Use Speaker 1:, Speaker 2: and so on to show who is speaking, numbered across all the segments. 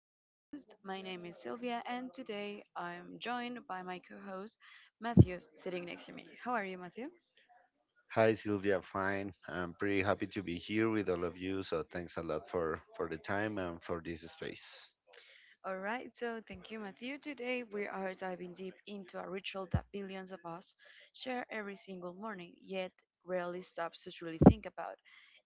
Speaker 1: your host. My name is Sylvia, and today I'm joined by my co host, Matthew, sitting next to me. How are you, Matthew?
Speaker 2: Hi Sylvia, fine. I'm pretty happy to be here with all of you, so thanks a lot for the time and for this space.
Speaker 1: All right, so thank you, Matthew. Today we are diving deep into a ritual that billions of us share every single morning, yet rarely stops to truly think about.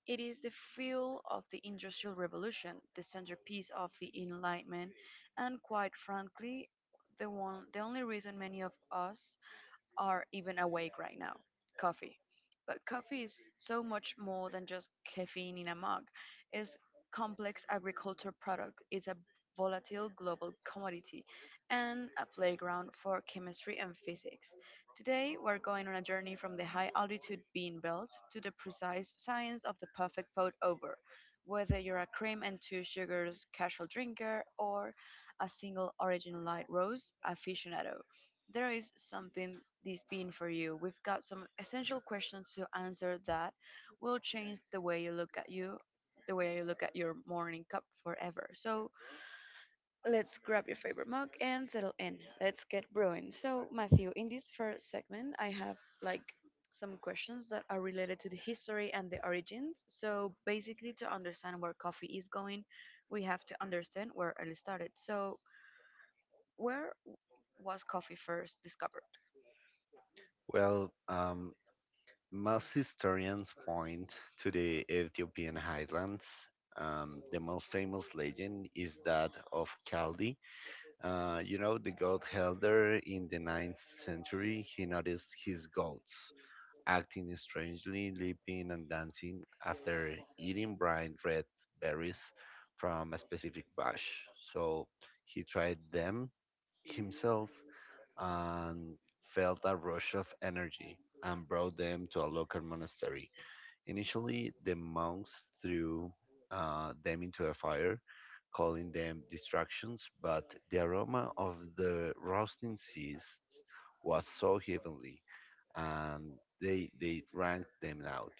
Speaker 1: It is the fuel of the Industrial Revolution, the centerpiece of the Enlightenment, and quite frankly, the only reason many of us are even awake right now coffee. But coffee is so much more than just caffeine in a mug. It's complex agriculture product. It's a volatile global commodity and a playground for chemistry and physics. Today we're going on a journey from the high altitude bean belt to the precise science of the perfect pour. Over. Whether you're a cream and two sugars casual drinker or a single origin light roast aficionado, there is something this being for you. We've got some essential questions to answer that will change the way you look at the way you look at your morning cup forever. So let's grab your favorite mug and settle in. Let's get brewing. So Matthew, in this first segment, I have like some questions that are related to the history and the origins. So basically, to understand where coffee is going, we have to understand where it started. So where was coffee first discovered?
Speaker 2: Well, um, Most historians point to the Ethiopian highlands. The most famous legend is that of Kaldi. The goat herder in the 9th century, he noticed his goats acting strangely, leaping and dancing after eating bright red berries from a specific bush. So he tried them himself and felt a rush of energy, and brought them to a local monastery. Initially, the monks threw them into a fire, calling them distractions, but the aroma of the roasting seeds was so heavenly, and they drank them out,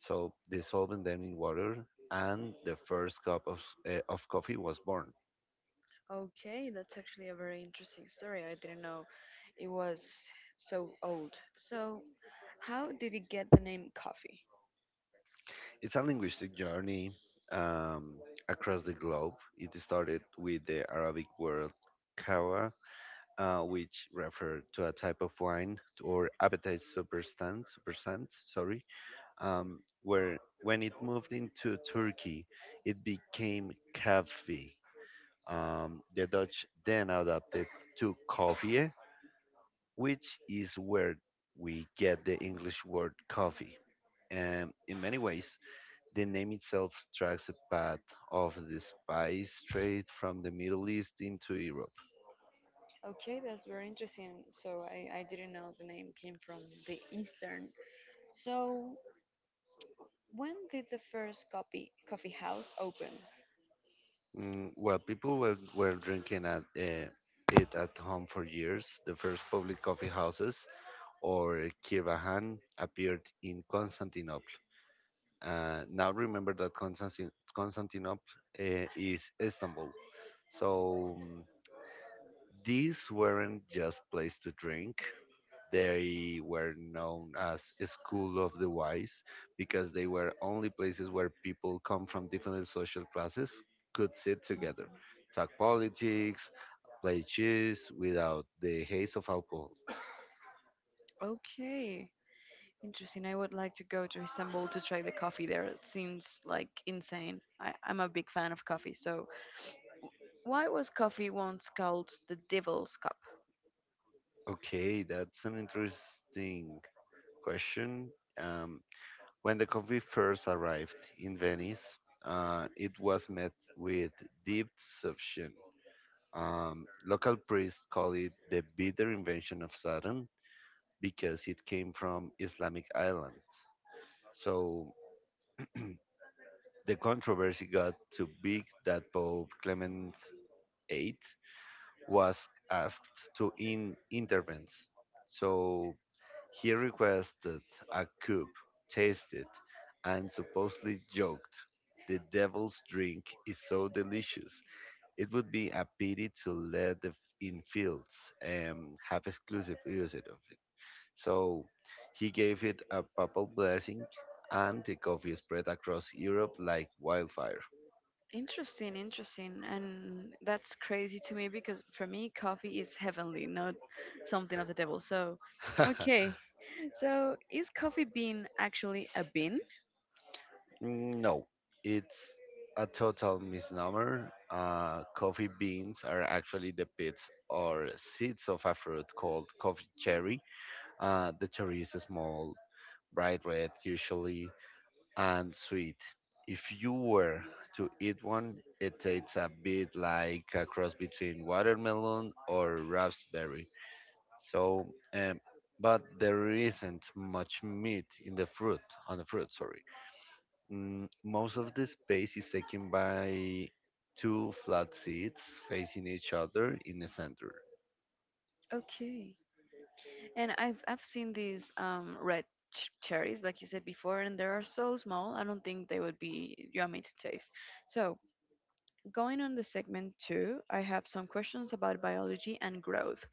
Speaker 2: so dissolving them in water, and the first cup of coffee was born.
Speaker 1: Okay, that's actually a very interesting story. I didn't know it was so old. So, how did it get the name coffee?
Speaker 2: It's a linguistic journey um, across the globe. It started with the Arabic word kawa, which referred to a type of wine or appetite where when it moved into Turkey, it became kahve. The Dutch then adapted to koffie, which is where we get the English word coffee. And in many ways, the name itself tracks a path of the spice trade from the Middle East into Europe.
Speaker 1: Okay, that's very interesting. So, I didn't know the name came from the Eastern. So, when did the first coffee house open?
Speaker 2: While people were drinking at, it at home for years, the first public coffee houses, or kirvahan, appeared in Constantinople. Now remember that Constantinople is Istanbul. So mm, these weren't just places to drink. They were known as a school of the wise because they were only places where people come from different social classes could sit together, talk politics, play chess without the haze of alcohol.
Speaker 1: Okay, interesting. I would like to go to Istanbul to try the coffee there. It seems like insane. I'm a big fan of coffee. So, why was coffee once called the devil's cup?
Speaker 2: Okay, that's an interesting question. Um, When the coffee first arrived in Venice, it was met with deep deception. Local priests call it the bitter invention of Saturn because it came from Islamic island. So the controversy got too big that Pope Clement VIII was asked to intervene. So he requested a cup, tasted, and supposedly joked, "The devil's drink is so delicious. It would be a pity to let the infields have exclusive usage of it." So he gave it a papal blessing, and the coffee spread across Europe like wildfire.
Speaker 1: Interesting, interesting. And that's crazy to me because for me, coffee is heavenly, not something of the devil. So, okay. So, is coffee bean actually a bean?
Speaker 2: Mm, no, it's a total misnomer. Coffee beans are actually the pits or seeds of a fruit called coffee cherry. The cherry is small, bright red usually, and sweet. If you were to eat one, it tastes a bit like a cross between watermelon or raspberry. So, um, but there isn't much meat in the fruit, on the fruit, sorry. Most of the space is taken by two flat seats facing each other in the center.
Speaker 1: Okay. And I've seen these red cherries like you said before and they are so small. I don't think they would be yummy to taste. So, going on the segment two, I have some questions about biology and growth.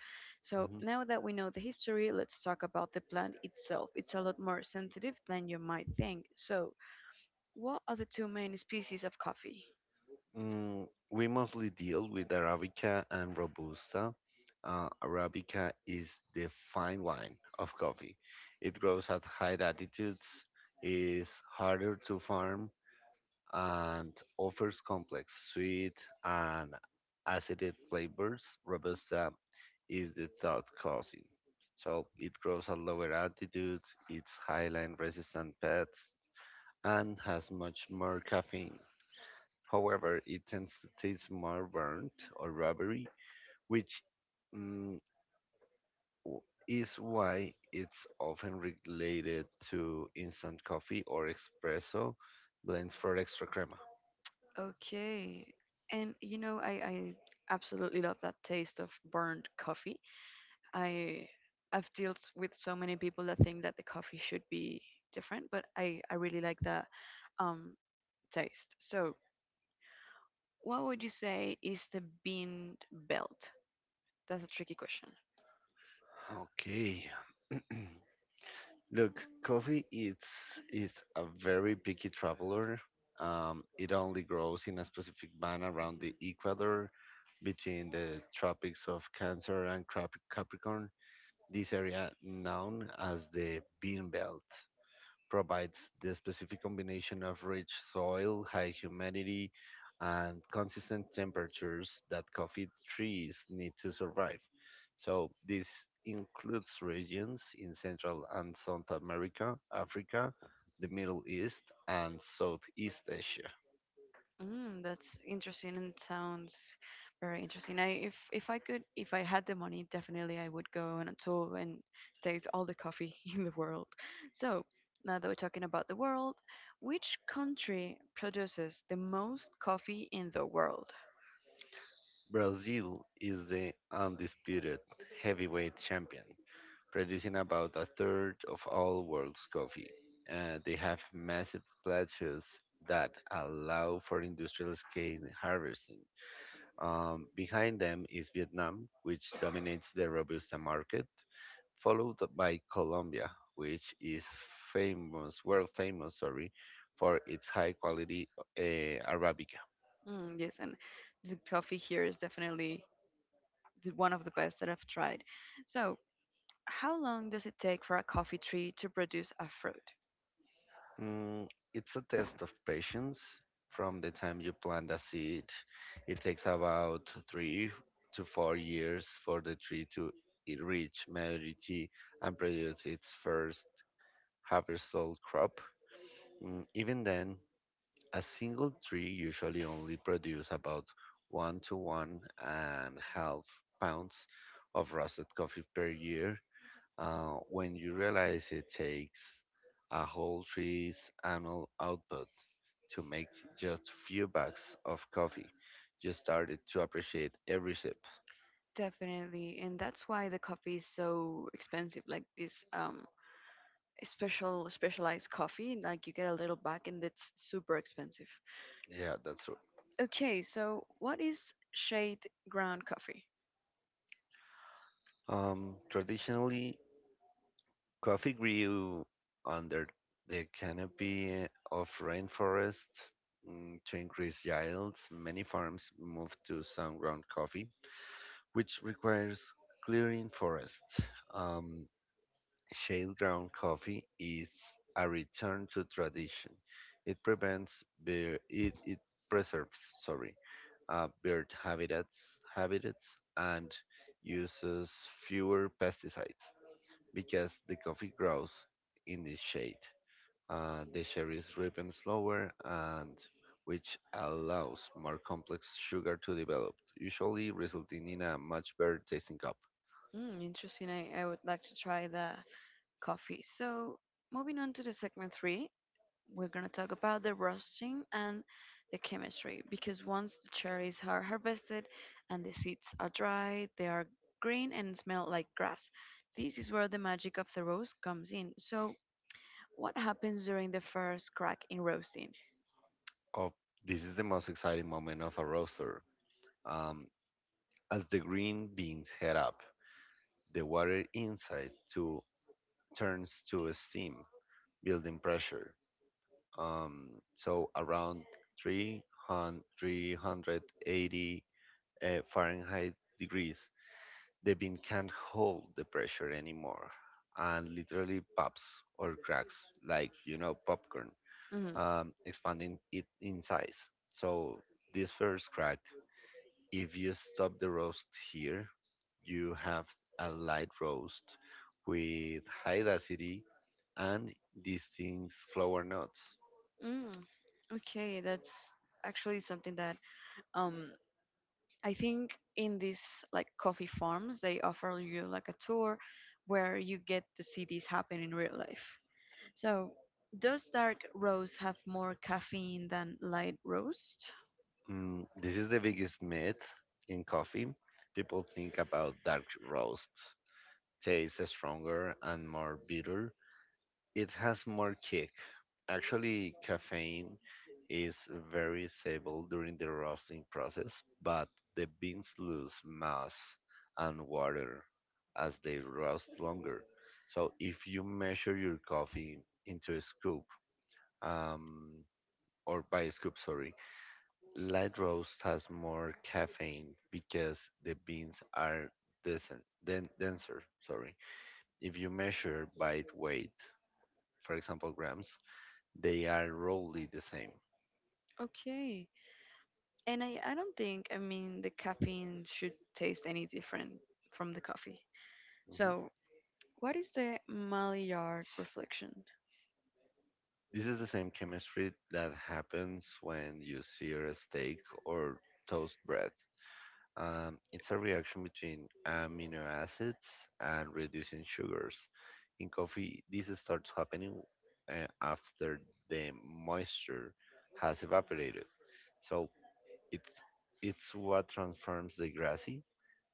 Speaker 1: So, now that we know the history, let's talk about the plant itself. It's a lot more sensitive than you might think.
Speaker 2: Mhm.
Speaker 1: So, what are the two main species of coffee?
Speaker 2: We mostly deal with Arabica and Robusta. Arabica is the fine wine of coffee. It grows at high altitudes, is harder to farm, and offers complex, sweet, and acidic flavors. Robusta is the third cousin. So it grows at lower altitudes, it's highline resistant pests, and has much more caffeine. However, it tends to taste more burnt or rubbery, which mm, w- is why it's often related to instant coffee or espresso blends for extra crema.
Speaker 1: Okay. And you know, I absolutely love that taste of burnt coffee. I I've dealt with so many people that think that the coffee should be different, but I really like that um taste. So what would you say is the bean belt? That's a tricky question.
Speaker 2: Okay. Look, coffee it's is a very picky traveler. It only grows in a specific band around the equator, between the tropics of Cancer and Capricorn. This area, known as the Bean Belt, provides the specific combination of rich soil, high humidity, and consistent temperatures that coffee trees need to survive. So this includes regions in Central and South America, Africa, the Middle East, and Southeast Asia.
Speaker 1: Mm, that's interesting and sounds very interesting. I if I could if I had the money, definitely I would go on a tour and taste all the coffee in the world. So now that we're talking about the world, which country produces the most coffee in the world?
Speaker 2: Brazil is the undisputed heavyweight champion, producing about a third of all world's coffee. They have massive plateaus that allow for industrial scale harvesting. Behind them is Vietnam, which dominates the Robusta market, followed by Colombia, which is world famous, sorry, for its high quality Arabica.
Speaker 1: Mm, yes, and the coffee here is definitely one of the best that I've tried. So how long does it take for a coffee tree to produce a fruit?
Speaker 2: Mm, it's a test of patience. From the time you plant a seed, it takes about 3 to 4 years for the tree to reach maturity and produce its first harvestable crop. Even then, a single tree usually only produces about one to one and half pounds of roasted coffee per year. Uh, when you realize it takes a whole tree's annual output to make just few bags of coffee, you started to appreciate every sip.
Speaker 1: Definitely, and that's why the coffee is so expensive. Like this special specialized coffee, like you get a little bag and it's super expensive.
Speaker 2: Yeah, that's true.
Speaker 1: Okay, so what is shade ground coffee?
Speaker 2: Traditionally, coffee grew under the canopy of rainforest. Mm, to increase yields, many farms moved to sun ground coffee, which requires clearing forests. Um, Shade-ground coffee is a return to tradition. It preserves, sorry, bird habitats and uses fewer pesticides because the coffee grows in the shade. The cherries ripen slower, and which allows more complex sugar to develop, usually resulting in a much better tasting cup.
Speaker 1: Mm, interesting. I would like to try the coffee. So moving on to the segment three, we're going to talk about the roasting and the chemistry because once the cherries are harvested and the seeds are dried, they are green and smell like grass. This is where the magic of the roast comes in. So, what happens during the first crack in roasting?
Speaker 2: Oh, this is the most exciting moment of a roaster. Um, As the green beans heat up, the water inside too turns to steam, building pressure. So around 300, 380 Fahrenheit degrees, the bean can't hold the pressure anymore and literally pops or cracks like, you know, popcorn,
Speaker 1: Mm,
Speaker 2: expanding it in size. So this first crack, if you stop the roast here, you have a light roast with high acidity and distinct flower notes.
Speaker 1: mm, okay, that's actually something that um I think in these like coffee farms they offer you like a tour where you get to see this happen in real life. So, caffeine than light roast.
Speaker 2: This is the biggest myth in coffee. People think about dark roasts, tastes stronger and more bitter, it has more kick. Actually, caffeine is very stable during the roasting process, but the beans lose mass and water as they roast longer. So if you measure your coffee into a scoop, um, or by a scoop, sorry, light roast has more caffeine because the beans are denser, denser, sorry. If you measure by weight, for example, grams, they are roughly the same.
Speaker 1: Okay. And I don't think, I mean, the caffeine should taste anything from coffee.
Speaker 2: Mhm.
Speaker 1: So, what is the mild selection?
Speaker 2: This is the same chemistry that happens when you sear a steak or toast bread. It's a reaction between amino acids and reducing sugars. In coffee, this starts happening after the moisture has evaporated. So It's it's what transforms the grassy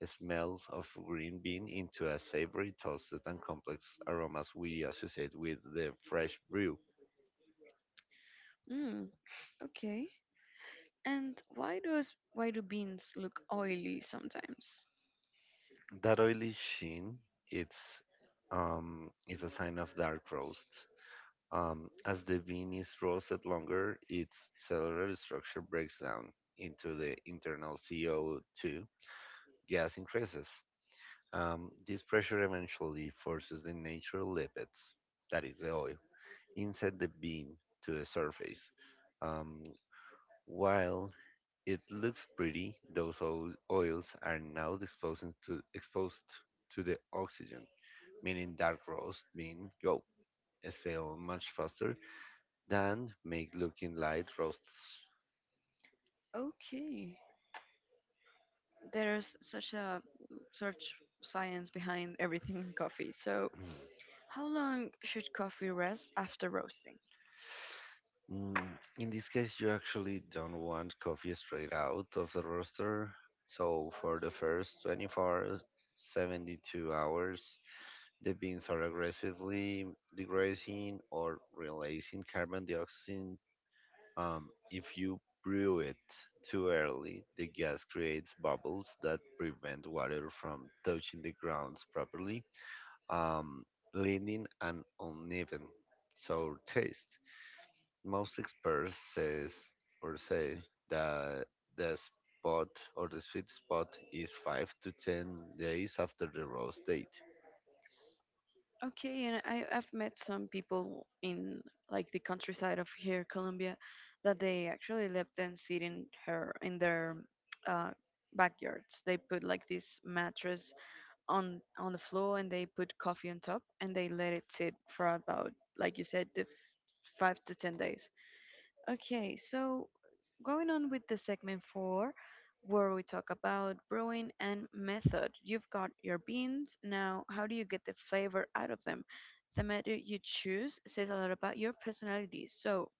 Speaker 2: smells of green bean into a savory, toasted, and complex aromas we associate with the fresh brew.
Speaker 1: Mm, okay. And why does why do beans look sometimes?
Speaker 2: That oily sheen, it's is a sign of dark roast. As the bean is roasted longer, its cellular structure breaks down into the internal CO2 gas increases. This pressure eventually forces the natural lipids, that is the oil, inside the beam to the surface. Um, while it looks pretty, those oils are now exposed to the oxygen, meaning dark roast bean go sell much faster than make looking light roasts.
Speaker 1: Okay. There's such a search science behind everything in coffee. So, how long should coffee rest after roasting?
Speaker 2: Mm, in this case, you actually don't want coffee straight out of the roaster. So, for the first 24, 72 hours, the beans are aggressively degrading or releasing carbon dioxide. If you brew it too early, the gas creates bubbles that prevent water from touching the grounds properly, um, leading an uneven sour taste. Most experts says or say that the spot the sweet spot is 5 to 10 days after the roast date.
Speaker 1: Okay, and I've met some people in like the countryside of here, Colombia, that they actually let them sit in her in their uh, backyards. They put like this mattress on the floor and they put coffee on top and they let it sit for about, like you said, 5 to 10 days. Okay, so going on with the segment four, where we talk about brewing and method. You've got your beans. Now, how do you get the flavor out of them? The method you choose says a lot about your personality. So,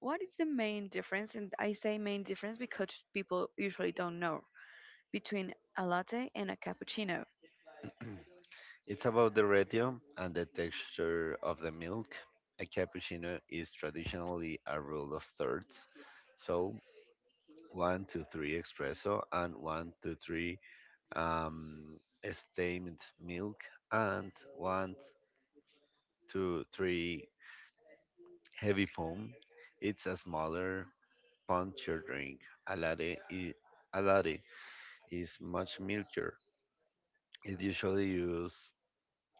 Speaker 1: what is the main difference? And I say main difference because people usually don't know between a latte and a cappuccino.
Speaker 2: It's about the ratio and the texture of the milk. A cappuccino is traditionally a rule of thirds, so one to three espresso and one to three um, steamed milk and one to three heavy foam. It's a smaller puncturing a latte, i- a latte is much milder. It usually uses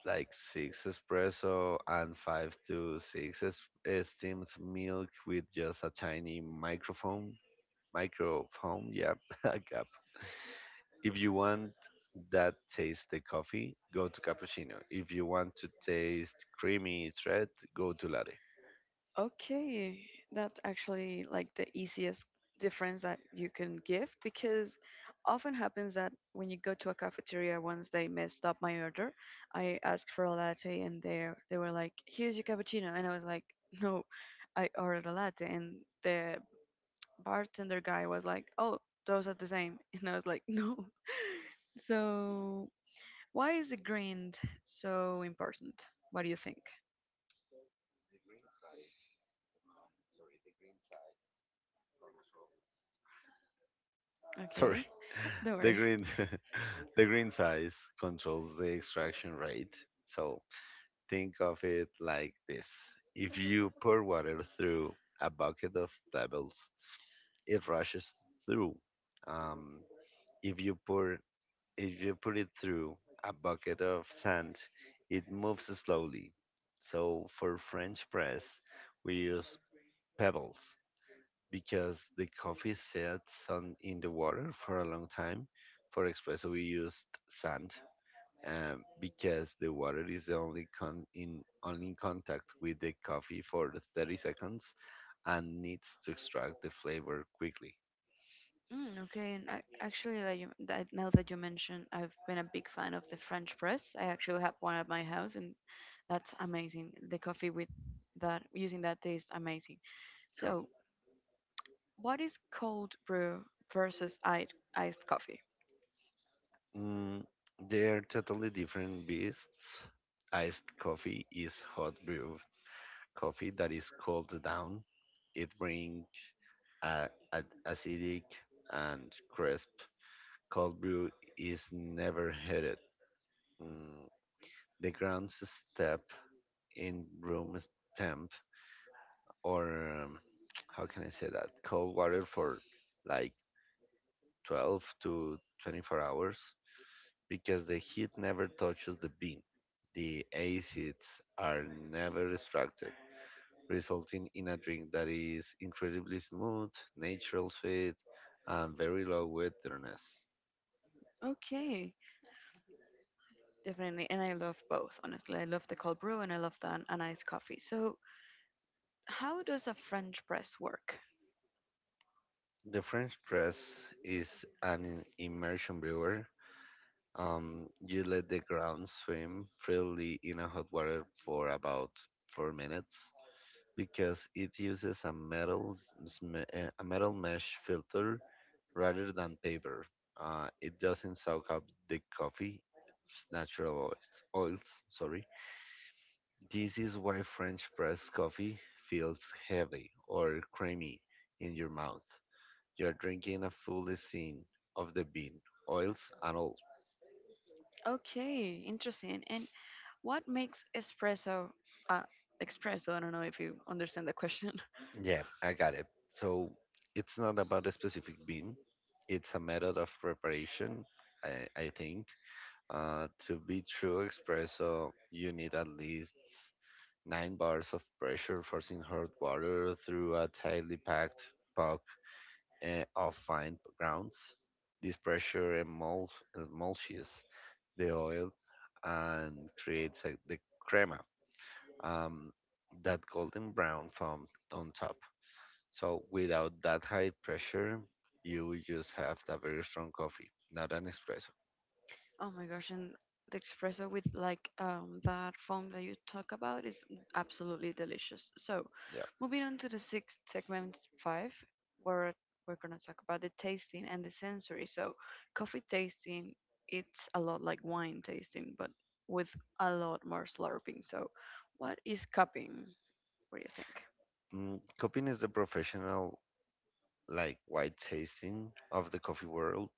Speaker 2: like six espresso and five to six steamed milk with just a tiny microphone. Microphone, yeah, a cup. If you want that taste the coffee, go to cappuccino. If you want to taste creamy thread, go to latte.
Speaker 1: Okay, that's actually like the easiest difference that you can give because often happens that when you go to a cafeteria, once they messed up my order, I asked for a latte and they were like, "Here's your cappuccino," and I was like, "No, I ordered a latte," and the bartender guy was like, "Oh, those are the same," and I was like, "No." So why is the grind so important? What do you think? Okay,
Speaker 2: Sorry.
Speaker 1: the
Speaker 2: The green the green size controls the extraction rate. So think of it like this. If you pour water through a bucket of pebbles, it rushes through. Um, if you put it through a bucket of sand, it moves slowly. So for French press, we use pebbles because the coffee sits on in the water for a long time. For espresso, we used sand because the water is the only contact with the coffee for 30 seconds and needs to extract the flavor quickly.
Speaker 1: mm, okay, and that you that now that you mention, I've been a big fan of the French press. I actually have one at my house, and that's amazing. The coffee with that using that tastes amazing.
Speaker 2: Yeah.
Speaker 1: So, what is cold brew versus iced coffee?
Speaker 2: Mm, they're totally different beasts. Iced coffee is hot brew coffee that is cooled down. It brings acidic and crisp. Cold brew is never heated. Mm, the grounds step in room temp or um, how can I say that? cold water for like 12 to 24 hours. Because the heat never touches the bean, the acids are never extracted, resulting in a drink that is incredibly smooth, natural sweet, and very low with bitterness.
Speaker 1: Okay, definitely, and I brew and I love that and iced. So,
Speaker 2: The French press is an immersion brewer. You let the ground swim freely in a hot water for about 4 minutes. Because it uses a metal mesh filter rather than paper, uh, it doesn't soak up the coffee's natural oils. Oils, sorry. This is why French press coffee feels heavy or creamy in your mouth. You're drinking a full scene of the bean, oils, and all.
Speaker 1: okay, interesting. And what makes uh, espresso? I don't know if you understand the question.
Speaker 2: Yeah, I got it. So it's not about a specific bean, it's a method of preparation, I think. To be true espresso, you need at least 9 bars of pressure forcing hot water through a tightly packed puck of fine grounds. This pressure emulsions the oil and creates the crema, um, that golden brown foam on top. So without that high pressure, you will just have a very strong coffee, not an espresso.
Speaker 1: With like that foam that you talk about, absolutely delicious. So
Speaker 2: Yeah.
Speaker 1: moving on to the sixth tech five, where we're going to talk about the tasting and the sensory. So, coffee tasting, it's a lot like wine tasting, but with a lot more slurping. So, what is cupping? What do you think?
Speaker 2: Cupping is the professional, like white tasting of the coffee world.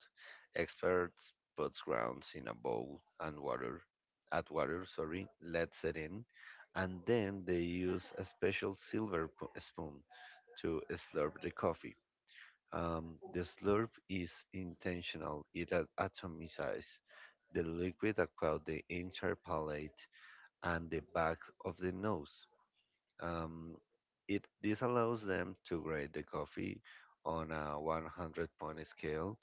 Speaker 2: Experts put grounds in a bowl and water, add water, sorry, lets it in, and then they use a special silver spoon to slurp the coffee. The slurp is intentional. It atomizes the liquid across the entire palate and the back of the nose. Um, it This allows them to grade the coffee on a 100 point scale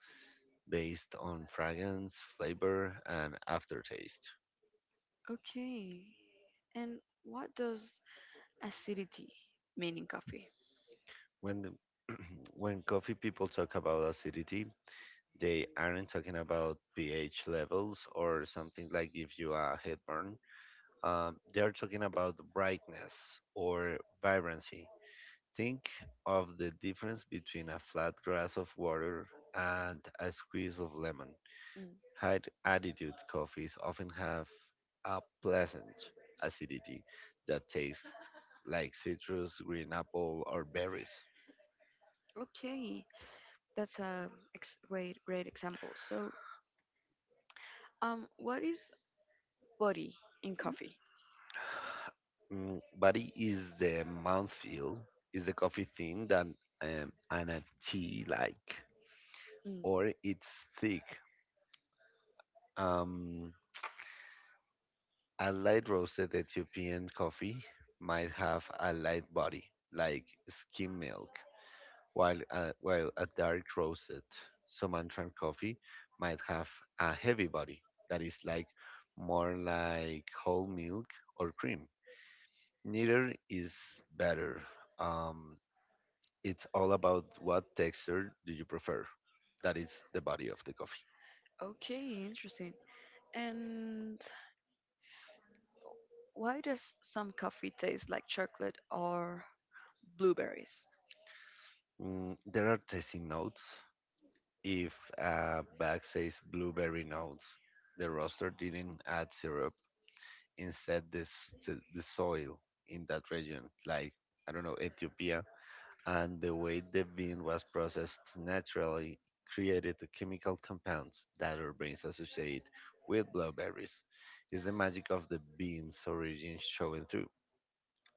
Speaker 2: based on fragrance, flavor, and aftertaste.
Speaker 1: Okay. And what does acidity mean in coffee?
Speaker 2: When the, when coffee people talk about acidity, they aren't talking about pH levels or something like give you a headburn, they're talking about brightness or vibrancy. Think of the difference between a flat glass of water and a squeeze of lemon.
Speaker 1: Mm,
Speaker 2: High altitude coffees often have a pleasant acidity that tastes like citrus, green apple, or berries.
Speaker 1: Okay, that's a great great example. So, what is body in coffee?
Speaker 2: Body is the mouthfeel, is the coffee thin than, and a tea like, or it's thick. Um, A light roasted Ethiopian coffee might have a light body, like skim milk, while a dark roasted Sumatran coffee might have a heavy body that is like more like whole milk or cream. Neither is better. Um, it's all about what texture do you prefer. That is the body of the coffee.
Speaker 1: Okay, interesting. And why does some coffee taste like chocolate or blueberries?
Speaker 2: There are tasting notes. If a bag says blueberry notes, the roaster didn't add syrup. Instead, this the soil in that region, like I don't know, Ethiopia, and the way the bean was processed naturally created the chemical compounds that our brains associate with blueberries. Is the magic of the bean's origin showing through?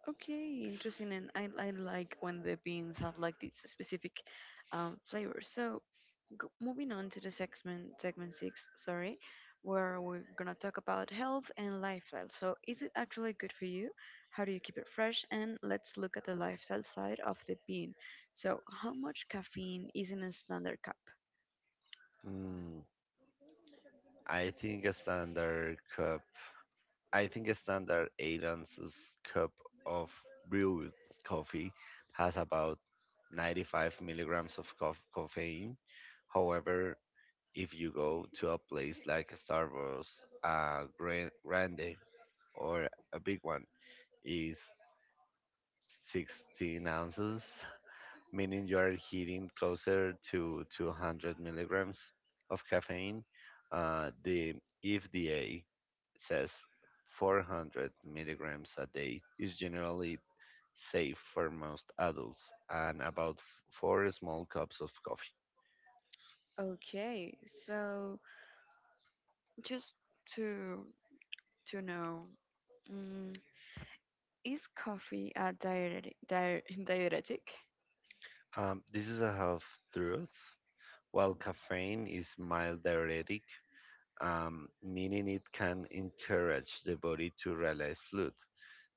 Speaker 1: Okay, interesting. And I like when the beans have like these specific flavors. So moving on to the segment six, sorry, where we're gonna talk about health and lifestyle. So is it actually good for you? How do you keep it fresh? And let's look at the lifestyle side of the bean. So how much caffeine is in a standard cup?
Speaker 2: Mm, I think a standard cup I think a standard 8 ounces cup of brewed coffee has about 95 milligrams of caffeine. However, if you go to a place like Starbucks, a grande or a big one is 16 ounces, meaning you are hitting closer to 200 milligrams of caffeine. The FDA says 400 milligrams a day is generally safe for most adults and about four small cups of coffee.
Speaker 1: Okay, so just to to know mm, is coffee a diuretic, diuretic?
Speaker 2: This is a half truth. While caffeine is mild diuretic, meaning it can encourage the body to release fluid,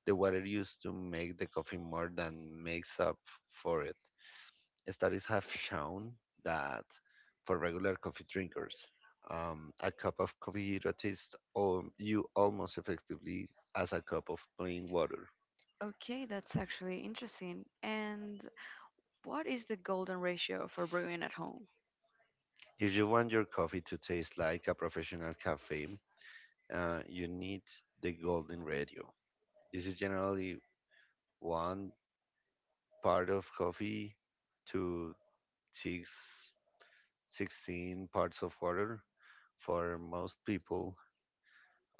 Speaker 2: the water used to make the coffee more than makes up for it. Studies have shown that for regular coffee drinkers, a cup of coffee hydrates you almost effectively as a cup of plain water.
Speaker 1: Okay, that's actually interesting. And what is the golden ratio for brewing at home?
Speaker 2: If you want your coffee to taste like a professional cafe, you need the golden ratio. This is generally 1 part of coffee to six sixteen parts of water, for most people.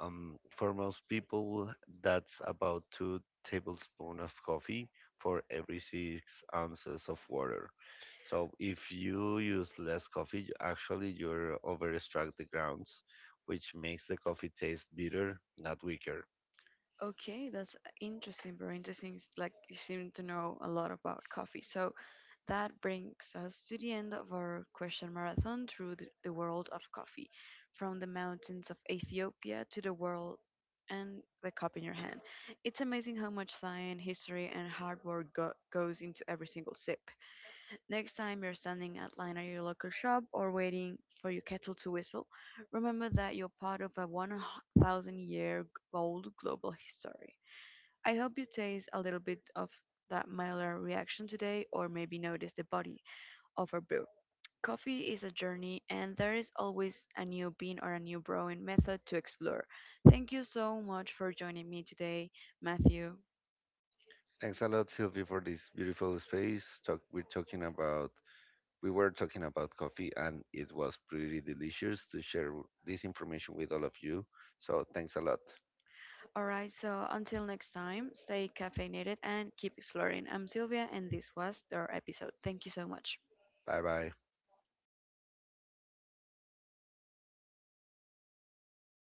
Speaker 2: For most people, that's about 2 tablespoons of coffee for every 6 ounces of water. So if you use less coffee, actually you're over extract the grounds, which makes the coffee taste bitter, not weaker.
Speaker 1: Okay, that's interesting, very interesting. It's like you seem to know a lot about coffee. So, that brings us to the end of our question marathon through the world of coffee, from the mountains of Ethiopia to the world and the cup in your hand. It's amazing how much science, history, and hard work goes into every single sip. Next time you're standing at line at your local shop or waiting for your kettle to whistle, remember that you're part of a 1,000 year old global history. I hope you taste a little bit of that milder reaction today, or maybe notice the body over brew. Coffee is a journey, and there is always a new bean or a new brewing method to explore. Thank you so much for joining me today, Matthew.
Speaker 2: Thanks a lot, Sylvie, for this beautiful space. We were talking about coffee, and it was pretty delicious to share this information with all of you. So thanks a lot.
Speaker 1: Alright, so until next time, stay caffeinated and keep exploring. I'm Sylvia, and this was our episode. Thank you so much.
Speaker 2: Bye.